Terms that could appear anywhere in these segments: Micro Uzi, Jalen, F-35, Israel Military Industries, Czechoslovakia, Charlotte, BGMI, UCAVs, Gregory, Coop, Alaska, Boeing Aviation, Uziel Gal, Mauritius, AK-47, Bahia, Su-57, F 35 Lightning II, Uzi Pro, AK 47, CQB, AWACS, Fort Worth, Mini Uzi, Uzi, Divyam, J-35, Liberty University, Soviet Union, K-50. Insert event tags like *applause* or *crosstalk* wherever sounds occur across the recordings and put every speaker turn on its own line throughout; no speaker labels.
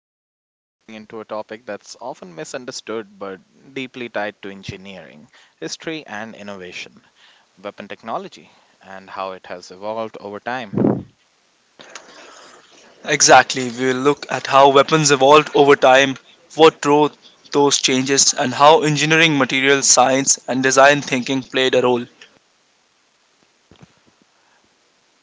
and today we're diving into a topic that's often misunderstood but deeply tied to engineering, history, and innovation, weapon technology, and how it has evolved over time.
Exactly, we will look at how weapons evolved over time, what drove those changes, and how engineering, materials science, and design thinking played a role.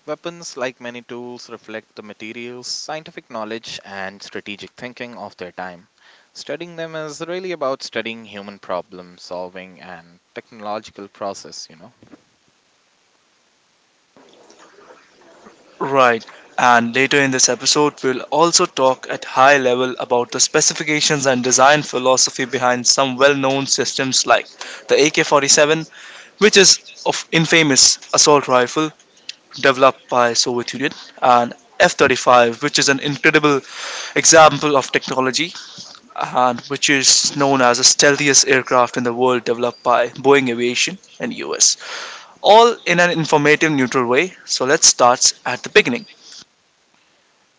Weapons, like many tools, reflect the materials, scientific knowledge, and strategic thinking of their time. Studying them is really about studying human problem solving and technological process.
Right. And later in this episode, we'll also talk at high level about the specifications and design philosophy behind some well-known systems like the AK-47, which is of infamous assault rifle, developed by Soviet Union, and F-35, which is an incredible example of technology and which is known as the stealthiest aircraft in the world developed by Boeing Aviation and US. All in an informative neutral way. So let's start at the beginning.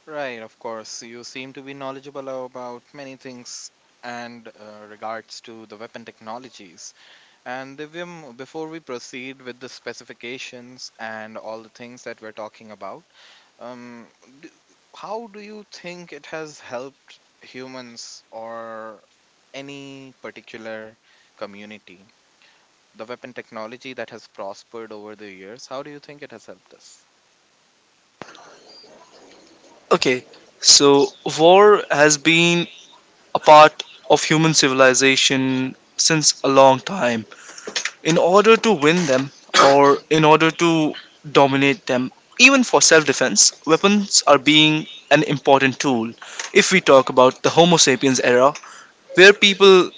Right, of course. You seem to be knowledgeable about many things and regards to the weapon technologies. And Divyam, before we proceed with the specifications and all the things that we're talking about, um, d- how do you think it has helped humans or any particular community? The weapon technology that has prospered over the years, how do you think it has helped us?
Okay, so war has been a part of human civilization since a long time in order to win them or in order to dominate them, even for self defense weapons are being an important tool. If we talk about the homo sapiens era where people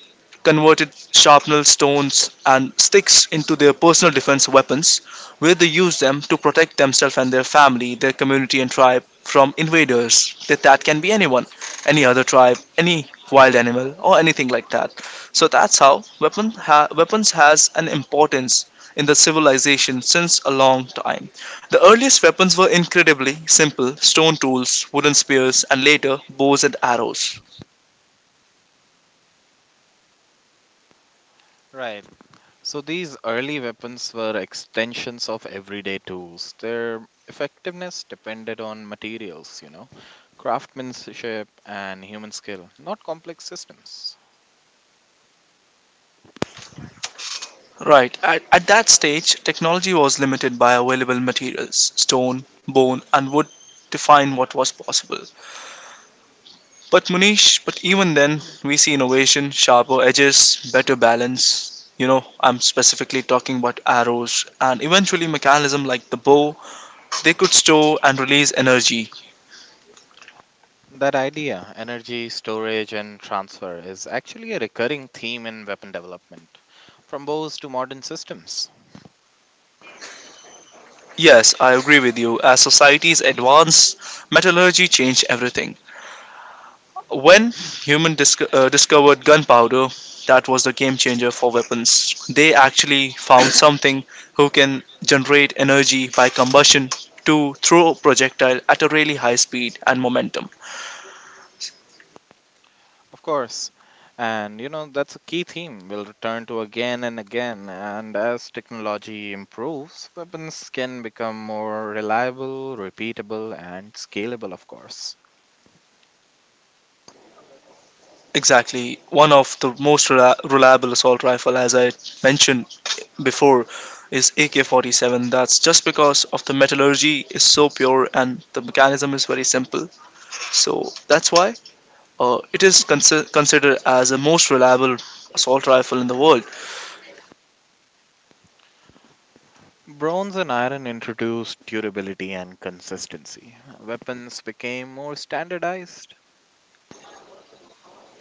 converted sharpened stones and sticks into their personal defense weapons, where they use them to protect themselves and their family, their community and tribe from invaders. That can be anyone, any other tribe, any wild animal, or anything like that. So that's how weapons has an importance in the civilization since a long time. The earliest weapons were incredibly simple stone tools, wooden spears, and later bows and arrows.
Right. So these early weapons were extensions of everyday tools. Their effectiveness depended on materials, craftsmanship and human skill, not complex systems.
Right, at that stage, technology was limited by available materials. Stone, bone, and wood define what was possible. But Munish, but even then, we see innovation, sharper edges, better balance. You know, I'm specifically talking about arrows and eventually mechanism like the bow. They could store and release energy.
That idea, energy storage and transfer, is actually a recurring theme in weapon development, from bows to modern systems.
Yes, I agree with you. As societies advanced, metallurgy changed everything. When human discovered gunpowder, that was the game changer for weapons. They actually found something who can generate energy by combustion to throw a projectile at a really high speed and momentum.
Of course. And that's a key theme we'll return to again and again. And as technology improves, weapons can become more reliable, repeatable, and scalable, of course.
Exactly. One of the most reliable assault rifle, as I mentioned before, is AK-47. That's just because of the metallurgy is so pure and the mechanism is very simple. So that's why it is considered as the most reliable assault rifle in the world.
Bronze and iron introduced durability and consistency. Weapons became more standardized.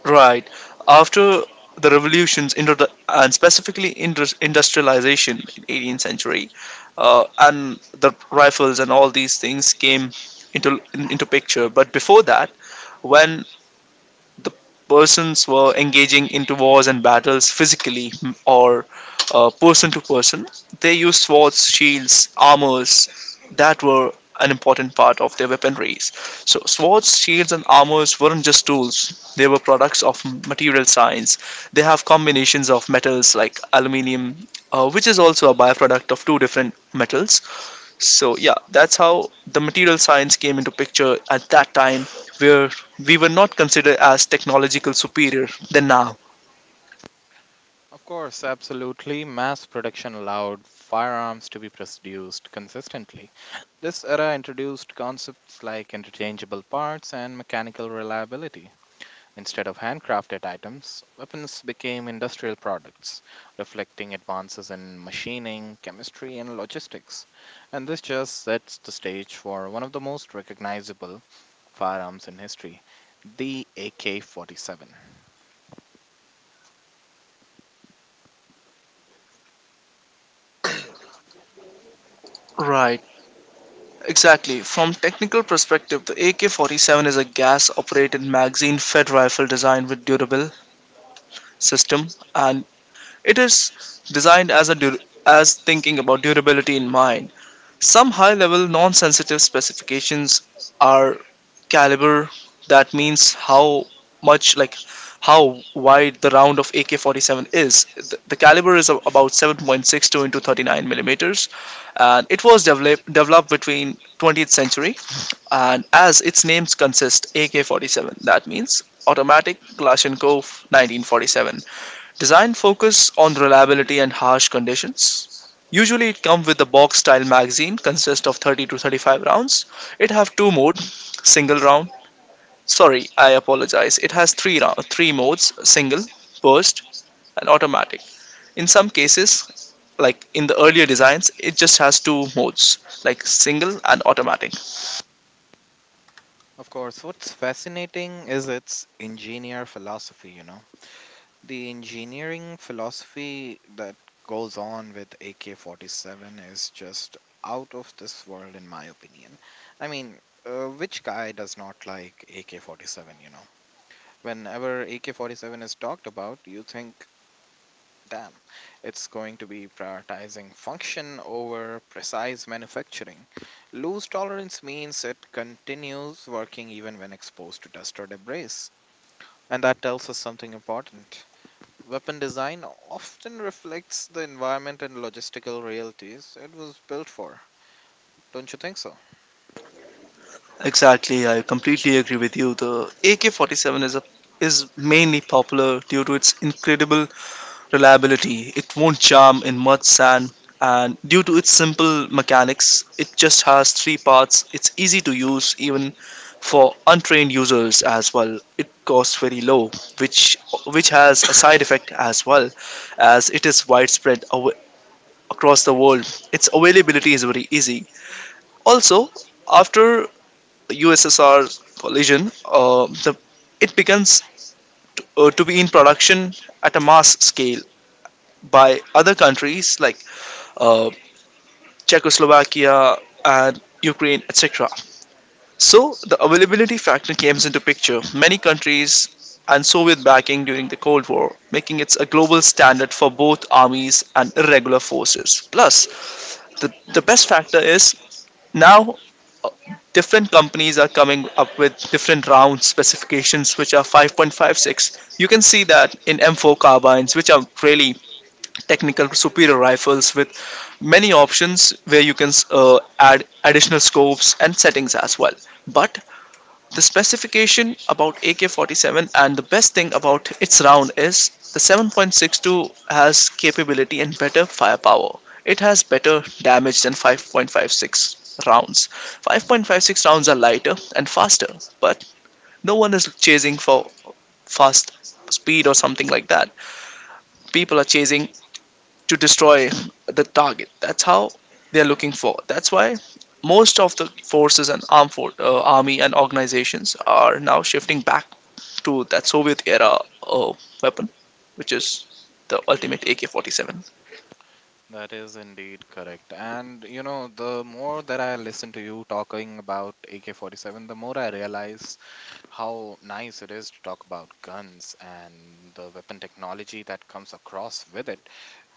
Right. After the revolutions into the, and specifically industrialization in 18th century and the rifles and all these things came into picture, but before that, when the persons were engaging into wars and battles physically or person to person. They used swords, shields, armors that were an important part of their weaponries. So, swords, shields, and armors weren't just tools, they were products of material science. They have combinations of metals like aluminium, which is also a byproduct of two different metals, so yeah, that's how the material science came into picture at that time, where we were not considered as technological superior than now.
Of course, absolutely, mass production allowed firearms to be produced consistently. This era introduced concepts like interchangeable parts and mechanical reliability. Instead of handcrafted items, weapons became industrial products, reflecting advances in machining, chemistry, and logistics. And this just sets the stage for one of the most recognizable firearms in history, the AK 47.
Right. Exactly. From technical perspective, the AK-47 is a gas-operated magazine-fed rifle designed with durable system, and it is designed as a dur- as thinking about durability in mind. Some high-level non-sensitive specifications are caliber, that means how much, like how wide the round of AK-47 is. The caliber is about 7.62 into 39 millimeters, and it was developed between 20th century, and as its names consist AK-47 that means automatic Kalashnikov 1947. Design focus on reliability and harsh conditions. Usually it comes with the box style magazine consist of 30 to 35 rounds. It have two mode single round. Sorry, I apologize. It has three modes: single, burst, and automatic. In some cases, like in the earlier designs, it just has two modes, like single and automatic.
Of course, what's fascinating is its engineer philosophy. The engineering philosophy that goes on with AK 47 is just out of this world, in my opinion. I mean, which guy does not like AK 47? Whenever AK 47 is talked about, you think, damn, it's going to be prioritizing function over precise manufacturing. Loose tolerance means it continues working even when exposed to dust or debris. And that tells us something important. Weapon design often reflects the environment and logistical realities it was built for. Don't you think so?
Exactly, I completely agree with you. The AK-47 is mainly popular due to its incredible reliability. It won't jam in mud, sand, and due to its simple mechanics, it just has three parts. It's easy to use even for untrained users as well. It costs very low, which which has a side effect as well, as it is widespread across the world. Its availability is very easy. Also, after USSR collision, the it begins to be in production at a mass scale by other countries like uh, Czechoslovakia, and Ukraine, etc. So the availability factor comes into picture. Many countries and Soviet backing during the Cold War, making it a global standard for both armies and irregular forces. Plus, the best factor is now, uh, different companies are coming up with different round specifications which are 5.56. You can see that in M4 carbines which are really technical superior rifles with many options where you can add additional scopes and settings as well. But the specification about AK 47 and the best thing about its round is the 7.62 has capability and better firepower. It has better damage than 5.56 rounds. 5.56 rounds are lighter and faster, but no one is chasing for fast speed or something like that. People are chasing to destroy the target. That's how they are looking for. That's why most of the forces and armed army and organizations are now shifting back to that Soviet era weapon, which is the ultimate AK-47.
That is indeed correct. And the more that I listen to you talking about AK 47, the more I realize how nice it is to talk about guns and the weapon technology that comes across with it.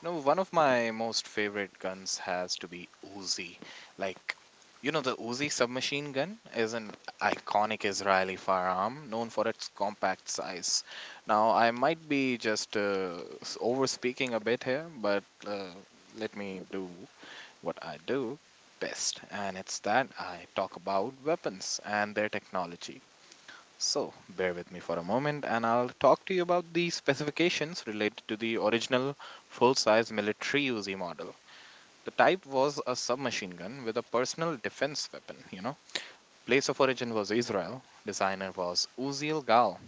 One of my most favorite guns has to be Uzi. Like, the Uzi submachine gun is an iconic Israeli firearm known for its compact size. Now, I might be just over speaking a bit here, but let me do what I do best, and it's that I talk about weapons and their technology. So, bear with me for a moment and I'll talk to you about the specifications related to the original full size military Uzi model. The type was a submachine gun with a personal defense weapon. Place of origin was Israel, designer was Uziel Gal,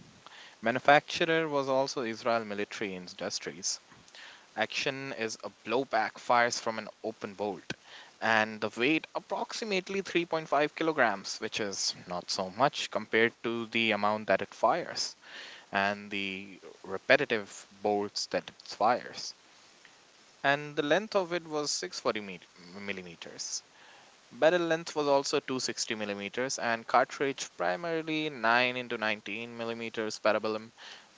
manufacturer was also Israel Military Industries. Action is a blowback fires from an open bolt, and the weight approximately 3.5 kilograms, which is not so much compared to the amount that it fires and the repetitive bolts that it fires. And the length of it was millimeters. Barrel length was also 260 millimeters, and cartridge primarily 9 into 19 millimeters parabellum,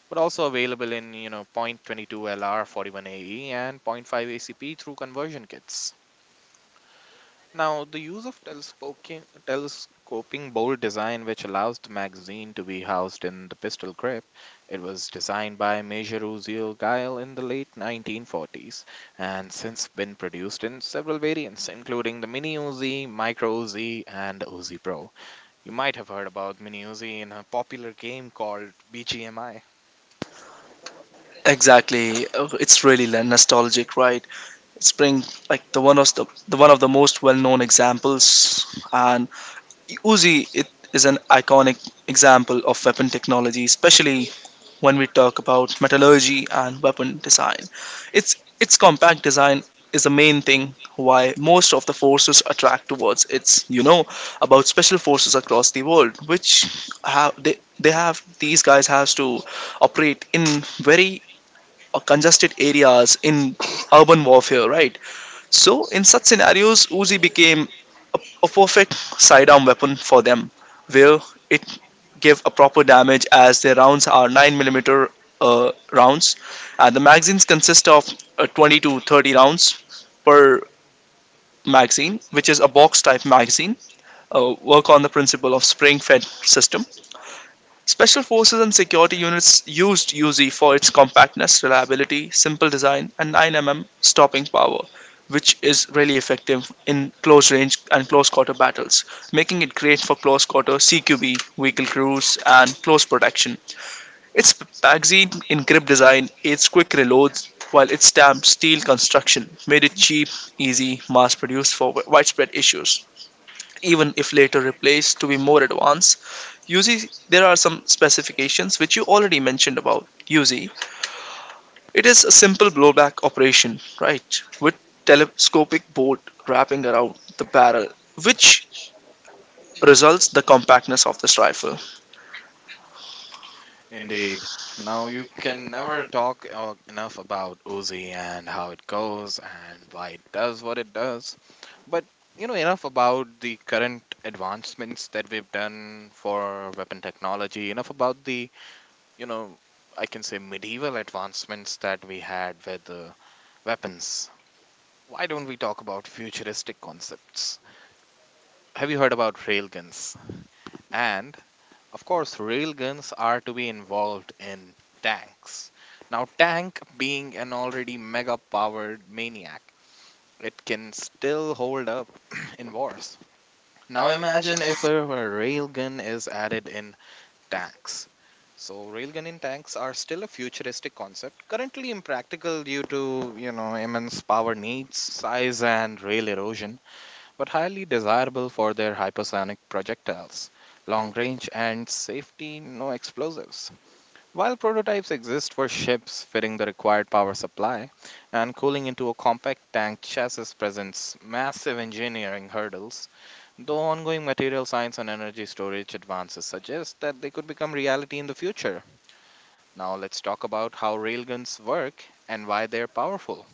but also available in 0.22 LR 41AE and point 0.5 ACP through conversion kits. Now, the use of telescoping bowl design, which allows the magazine to be housed in the pistol grip, it was designed by Major Uziel Gile in the late 1940s, and since been produced in several variants, including the Mini Uzi, Micro Uzi, and Uzi Pro. You might have heard about Mini Uzi in a popular game called BGMI.
Exactly. It's really nostalgic, right? It's bring like the one of the one of the most well-known examples, and Uzi, it is an iconic example of weapon technology, especially when we talk about metallurgy and weapon design. Its compact design is the main thing why most of the forces attract towards It's, you know, about special forces across the world which have they have these guys has to operate in very congested areas in urban warfare, right? So, in such scenarios, Uzi became a perfect sidearm weapon for them, where it gave a proper damage as their rounds are 9 millimeter rounds, and the magazines consist of 20 to 30 rounds per magazine, which is a box type magazine, work on the principle of spring fed system. Special Forces and security units used UZ for its compactness, reliability, simple design, and 9 mm stopping power, which is really effective in close range and close quarter battles, making it great for close quarter CQB, vehicle cruise, and close protection. Its magazine in grip design, its quick reloads, while its stamped steel construction made it cheap, easy, mass produced for widespread issues. Even if later replaced to be more advanced, usually, there are some specifications which you already mentioned about UZ. It is a simple blowback operation, right, with telescopic bolt wrapping around the barrel, which results the compactness of this rifle.
Indeed. Now you can never talk enough about Uzi and how it goes and why it does what it does. But enough about the current advancements that we've done for weapon technology. Enough about the you know I can say medieval advancements that we had with the weapons. Why don't we talk about futuristic concepts? Have you heard about railguns? And of course, railguns are to be involved in tanks. Now, tank being an already mega powered maniac, it can still hold up *clears throat* in wars. Now, imagine if a railgun is added in tanks. So, railgun in tanks are still a futuristic concept, currently impractical due to, immense power needs, size, and rail erosion, but highly desirable for their hypersonic projectiles, long range, and safety, no explosives. While prototypes exist for ships, fitting the required power supply and cooling into a compact tank chassis presents massive engineering hurdles, though ongoing material science and energy storage advances suggest that they could become reality in the future. Now let's talk about how railguns work and why they're powerful.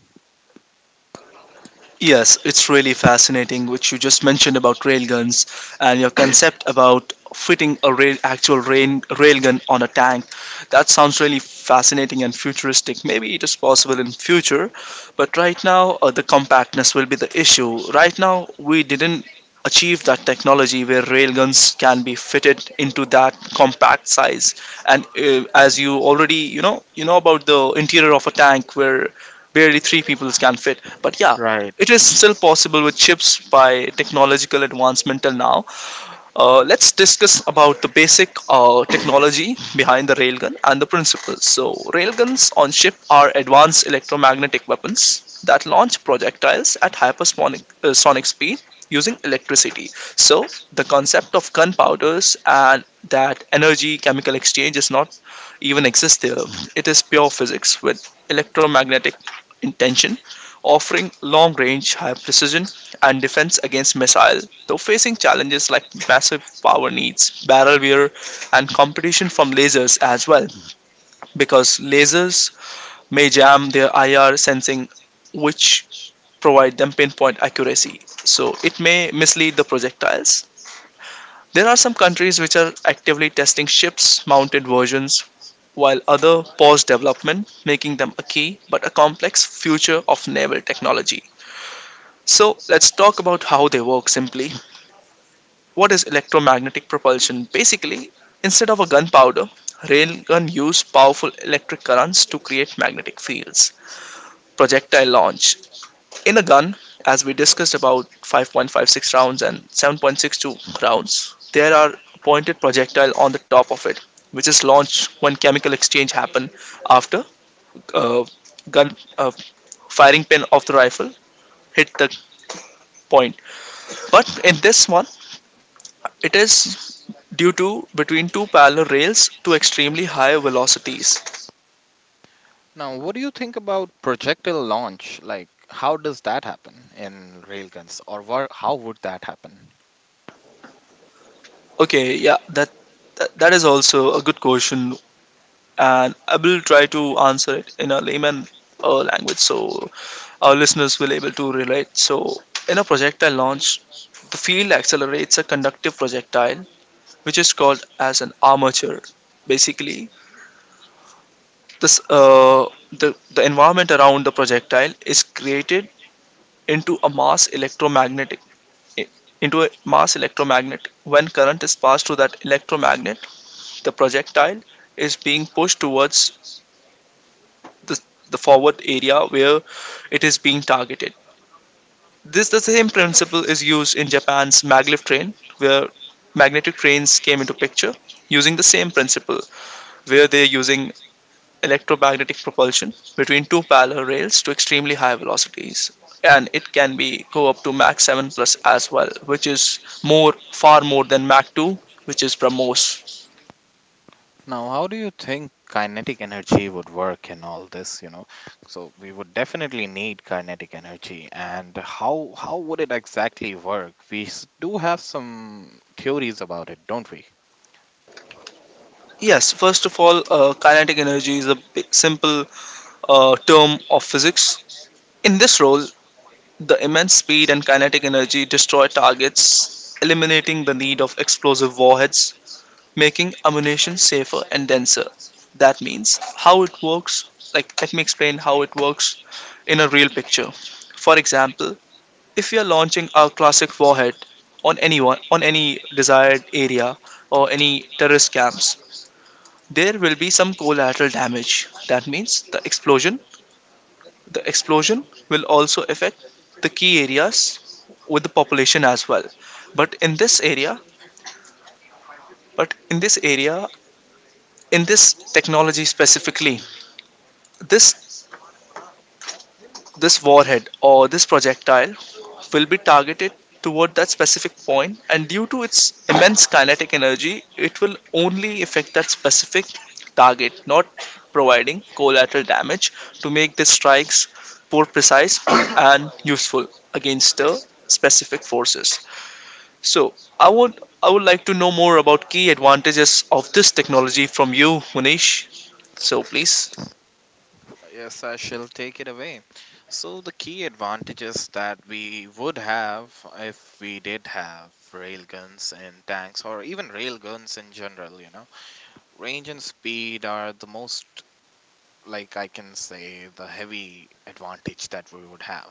Yes, it's really fascinating, which you just mentioned about railguns and your concept about fitting a rail, actual rail, railgun on a tank. That sounds really fascinating and futuristic. Maybe it is possible in future, but right now the compactness will be the issue. Right now we didn't achieve that technology where railguns can be fitted into that compact size. And as you already you know about the interior of a tank where barely three people can fit. But yeah,
Right.
it is still possible with chips by technological advancement till now. Let's discuss about the basic technology behind the railgun and the principles. So, railguns on ship are advanced electromagnetic weapons that launch projectiles at hypersonic sonic speed using electricity. So, the concept of gunpowders and that energy chemical exchange is not even exist there. It is pure physics with electromagnetic intention, offering long range, high precision and defense against missiles, though facing challenges like massive power needs, barrel wear, and competition from lasers as well, because lasers may jam their IR sensing, which provide them pinpoint accuracy, so it may mislead the projectiles. There are some countries which are actively testing ships mounted versions while other pause development, making them a key but a complex future of naval technology. So, let's talk about how they work simply. What is electromagnetic propulsion? Basically, instead of a gunpowder, railgun use powerful electric currents to create magnetic fields. Projectile launch. In a gun, as we discussed about 5.56 rounds and 7.62 rounds, there are pointed projectile on the top of it, which is launched when chemical exchange happen after uh, gun firing pin of the rifle hit the point. But in this one, it is due to between two parallel rails to extremely high velocities.
Now, what do you think about projectile launch? How does that happen in railguns, or how would that happen?
Okay, yeah, that is also a good question, and I will try to answer it in a layman language so our listeners will able to relate. So, in a projectile launch, the field accelerates a conductive projectile, which is called as an armature. Basically, this the environment around the projectile is created into a mass electromagnetic i- into a mass electromagnet. When current is passed through that electromagnet, the projectile is being pushed towards the, the forward area where it is being targeted. This the same principle is used in Japan's maglev train, where magnetic trains came into picture using the same principle, where they're using electromagnetic propulsion between two parallel rails to extremely high velocities, and it can be go up to mach 7 plus as well, which is more, far more than mach 2, which is promos.
Now, how do you think kinetic energy would work in all this? So we would definitely need kinetic energy, and how would it exactly work? Do have some theories about it, don't we?
Yes, first of all, kinetic energy is a simple term of physics. In this role, the immense speed and kinetic energy destroy targets, eliminating the need of explosive warheads, making ammunition safer and denser. That means how it works. Like, let me explain how it works in a real picture. For example, if we are launching our classic warhead on anyone, on any desired area or any terrorist camps, there will be some collateral damage. That means the explosion will also affect the key areas with the population as well. But in this area, but in this area, in this technology specifically, this this warhead or this projectile will be targeted toward that specific point, and due to its immense kinetic energy, it will only affect that specific target, not providing collateral damage, to make the strikes more precise *clears throat* and useful against the specific forces. So i would I would like to know more about key advantages of this technology from you, Munish, so please.
Yes, I shall take it away. So, the key advantages that we would have if we did have railguns and tanks, or even railguns in general, range and speed are the most, I can say, the heavy advantage that we would have.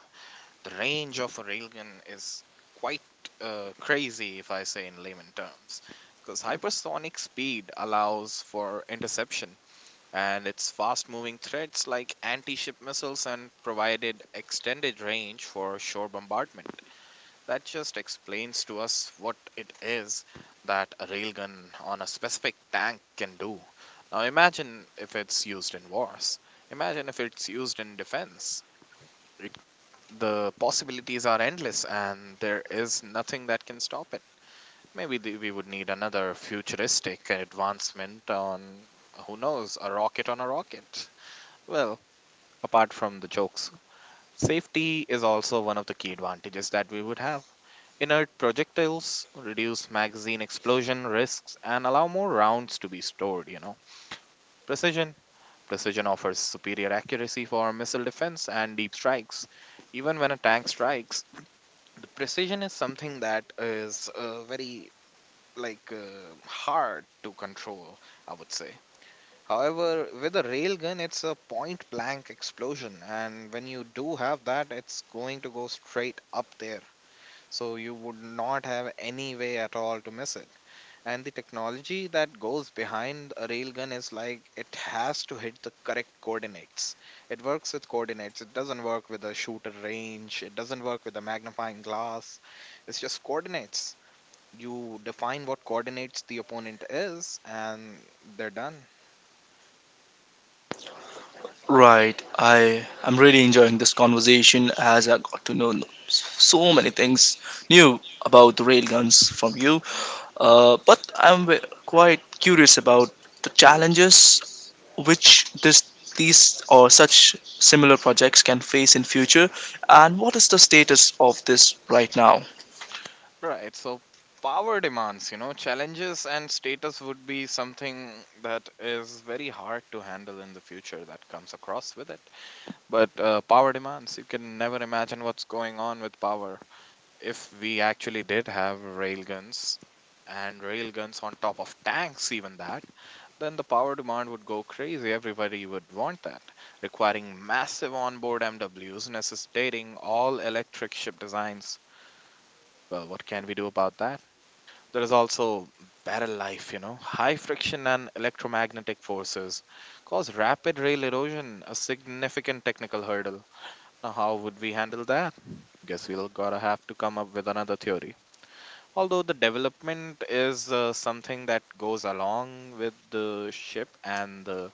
The range of a railgun is quite crazy, if I say in layman terms, because hypersonic speed allows for interception and its fast moving threats like anti ship missiles and provided extended range for shore bombardment. That just explains to us what it is that a railgun on a specific tank can do. Now imagine if it's used in wars, imagine if it's used in defense. It, the possibilities are endless and there is nothing that can stop it. Maybe the, we would need another futuristic advancement on, who knows, a rocket on a rocket. Well, apart from the jokes. Safety is also one of the key advantages that we would have. Inert projectiles reduce magazine explosion risks and allow more rounds to be stored. Precision. Precision offers superior accuracy for missile defense and deep strikes. Even when a tank strikes, the precision is something that is very hard to control, I would say. However, with a railgun, it's a point blank explosion, and when you do have that, it's going to go straight up there. So you would not have any way at all to miss it. And the technology that goes behind a railgun is like it has to hit the correct coordinates. It works with coordinates, it doesn't work with a shooter range, it doesn't work with a magnifying glass, it's just coordinates. You define what coordinates the opponent is, and they're done.
Right. I am really enjoying this conversation as I got to know so many things new about the railguns from you. But I'm quite curious about the challenges which this these or such similar projects can face in future, and what is the status of this right now.
Right. So power demands, challenges and status would be something that is very hard to handle in the future that comes across with it. But power demands, you can never imagine what's going on with power. If we actually did have railguns and railguns on top of tanks, even that, then the power demand would go crazy. Everybody would want that, requiring massive onboard MW, necessitating all electric ship designs. Well, what can we do about that? There is also barrel life. High friction and electromagnetic forces cause rapid rail erosion, a significant technical hurdle. Now, how would we handle that? Guess we'll gotta have to come up with another theory. Although the development is something that goes along with the ship and the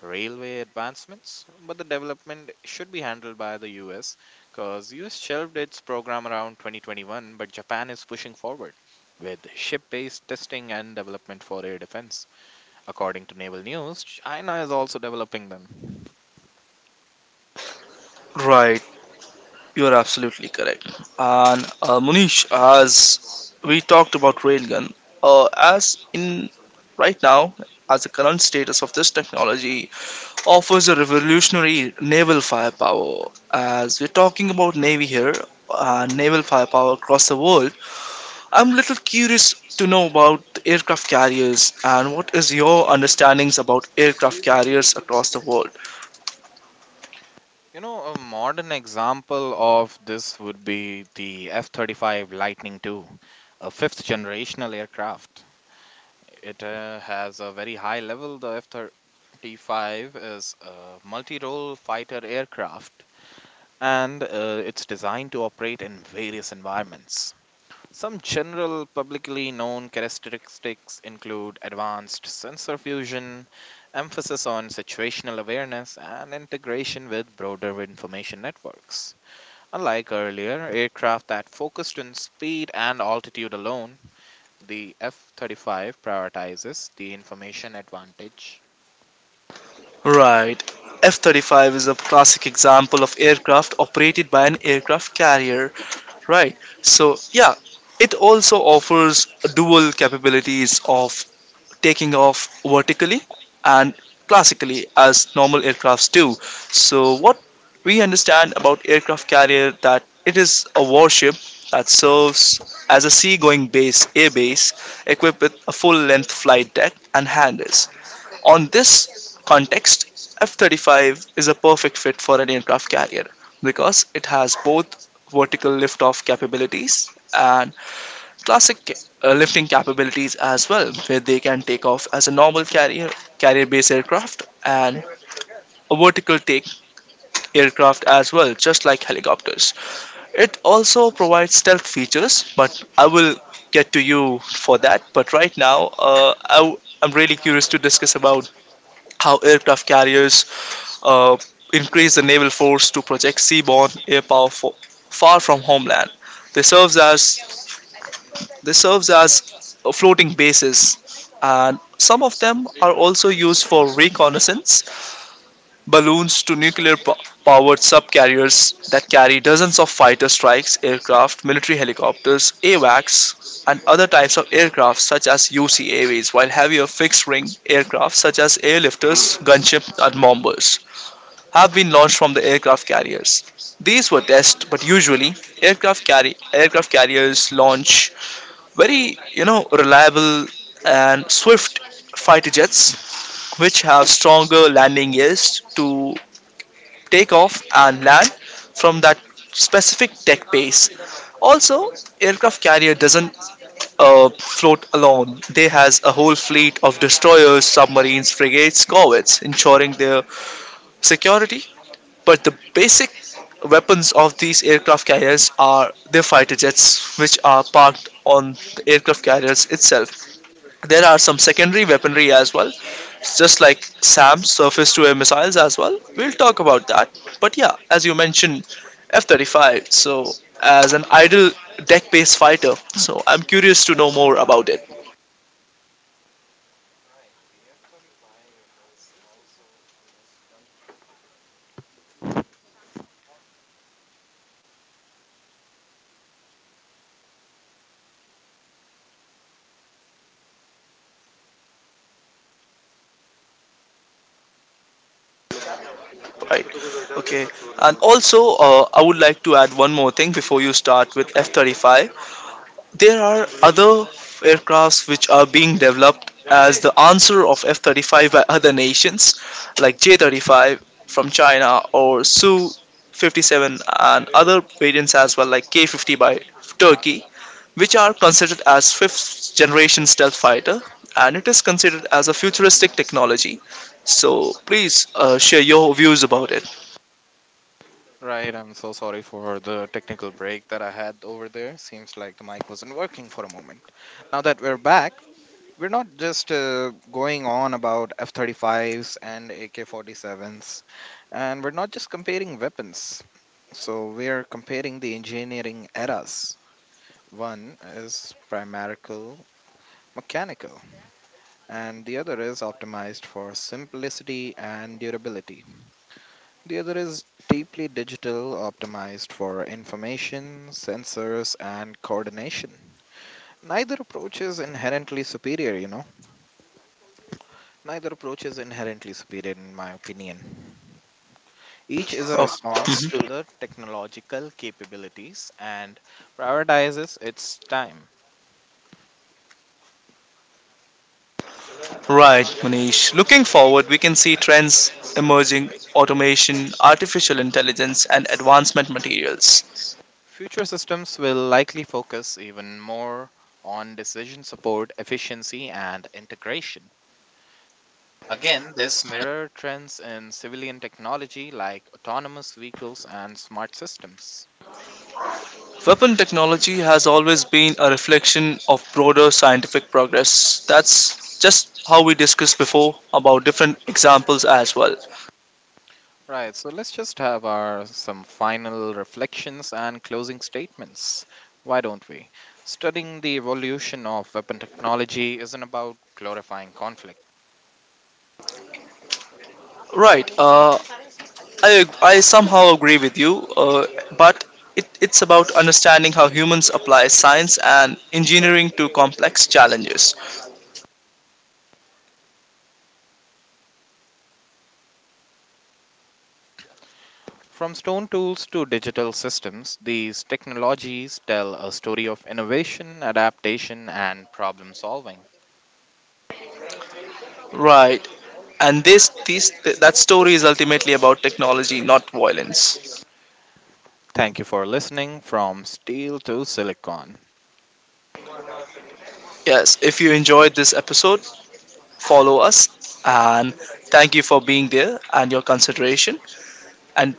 railway advancements, but the development should be handled by the US because US shelved its program around 2021, but Japan is pushing forward with ship-based testing and development for air defense. According to Naval News, China is also developing them.
Right. You are absolutely correct. And Munish, as we talked about railgun, as in right now, as the current status of this technology offers a revolutionary naval firepower. As we're talking about navy here, naval firepower across the world, I'm little curious to know about the aircraft carriers and what is your understandings about aircraft carriers across the world.
You know, a modern example of this would be the F 35 Lightning II, a fifth generational aircraft. It has a very high level. The F 35 is a multi role fighter aircraft and it's designed to operate in various environments. Some general publicly known characteristics include advanced sensor fusion, emphasis on situational awareness, and integration with broader information networks. Unlike earlier aircraft that focused on speed and altitude alone, the F 35 prioritizes the information advantage.
Right. F 35 is a classic example of aircraft operated by an aircraft carrier, right? So, yeah, it also offers dual capabilities of taking off vertically and classically as normal aircrafts do. So, what we understand about aircraft carrier that it is a warship that serves as a seagoing base, air base, equipped with a full-length flight deck and hangars. On this context, F 35 is a perfect fit for an aircraft carrier because it has both vertical liftoff capabilities and classic lifting capabilities as well, where they can take off as a normal carrier, carrier based aircraft, and a vertical take aircraft as well, just like helicopters. It also provides stealth features, but I will get to you for that. But right now, I'm really curious to discuss about how aircraft carriers uh, increase the naval force to project seaborne air power far from homeland. They serves as they serves as a floating bases, and some of them are also used for reconnaissance balloons to nuclear powered subcarriers that carry dozens of fighter strikes aircraft, military helicopters, AWACS, and other types of aircraft such as UCAVs, while heavier fixed-wing aircraft such as airlifters, gunships, and bombers have been launched from the aircraft carriers. These were tests, but usually aircraft carriers launch very, you know, reliable and swift fighter jets, which have stronger landing gears to take off and land from that specific tech base. Also, aircraft carrier doesn't float alone. They has a whole fleet of destroyers, submarines, frigates, corvettes, ensuring their security, but the basic weapons of these aircraft carriers are their fighter jets, which are parked on the aircraft carriers itself. There are some secondary weaponry as well, just like SAM, surface to air missiles as well. We'll talk about that. But yeah, as you mentioned, F 35, so as an idle deck based fighter, so I'm curious to know more about it, right? Okay, and also, I would like to add one more thing before you start with F 35. There are other aircrafts which are being developed as the answer of F 35 by other nations, like J 35 from China or Su 57 and other variants as well, like K 50 by Turkey, which are considered as fifth generation stealth fighter and it is considered as a futuristic technology. So, please share your views about it.
Right, I'm so sorry for the technical break that I had over there. Seems like the mic wasn't working for a moment. Now that we're back, we're not just going on about F 35s and AK 47s, and we're not just comparing weapons. So we're comparing the engineering eras. One is primarical mechanical, and the other is optimized for simplicity and durability. The other is deeply digital, optimized for information, sensors, and coordination. Neither approach is inherently superior, you know. Neither approach is inherently superior, in my opinion. Each is a
Oh.
response to the technological capabilities and prioritizes its time.
Right, Manish. Looking forward, we can see trends emerging: automation, artificial intelligence, and advancement materials.
Future systems will likely focus even more on decision support, efficiency, and integration. Again, this mirror trends in civilian technology like autonomous vehicles and smart systems.
Weapon technology has always been a reflection of broader scientific progress. That's just how we discussed before about different examples as well.
Right, so let's just have our some final reflections and closing statements. Why don't we? Studying the evolution of weapon technology isn't about glorifying conflict.
Right, I somehow agree with you, but it's about understanding how humans apply science and engineering to complex challenges.
From stone tools to digital systems, these technologies tell a story of innovation, adaptation, and problem solving.
Right. And this that story is ultimately about technology, not violence.
Thank you for listening from Steel to Silicon.
Yes, if you enjoyed this episode, follow us, and thank you for being there and your consideration, and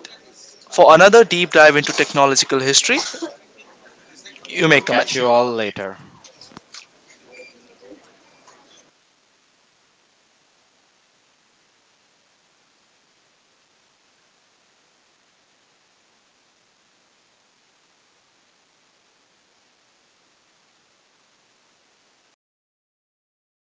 for another deep dive into technological history, you may
We'll catch
comment.
you all later.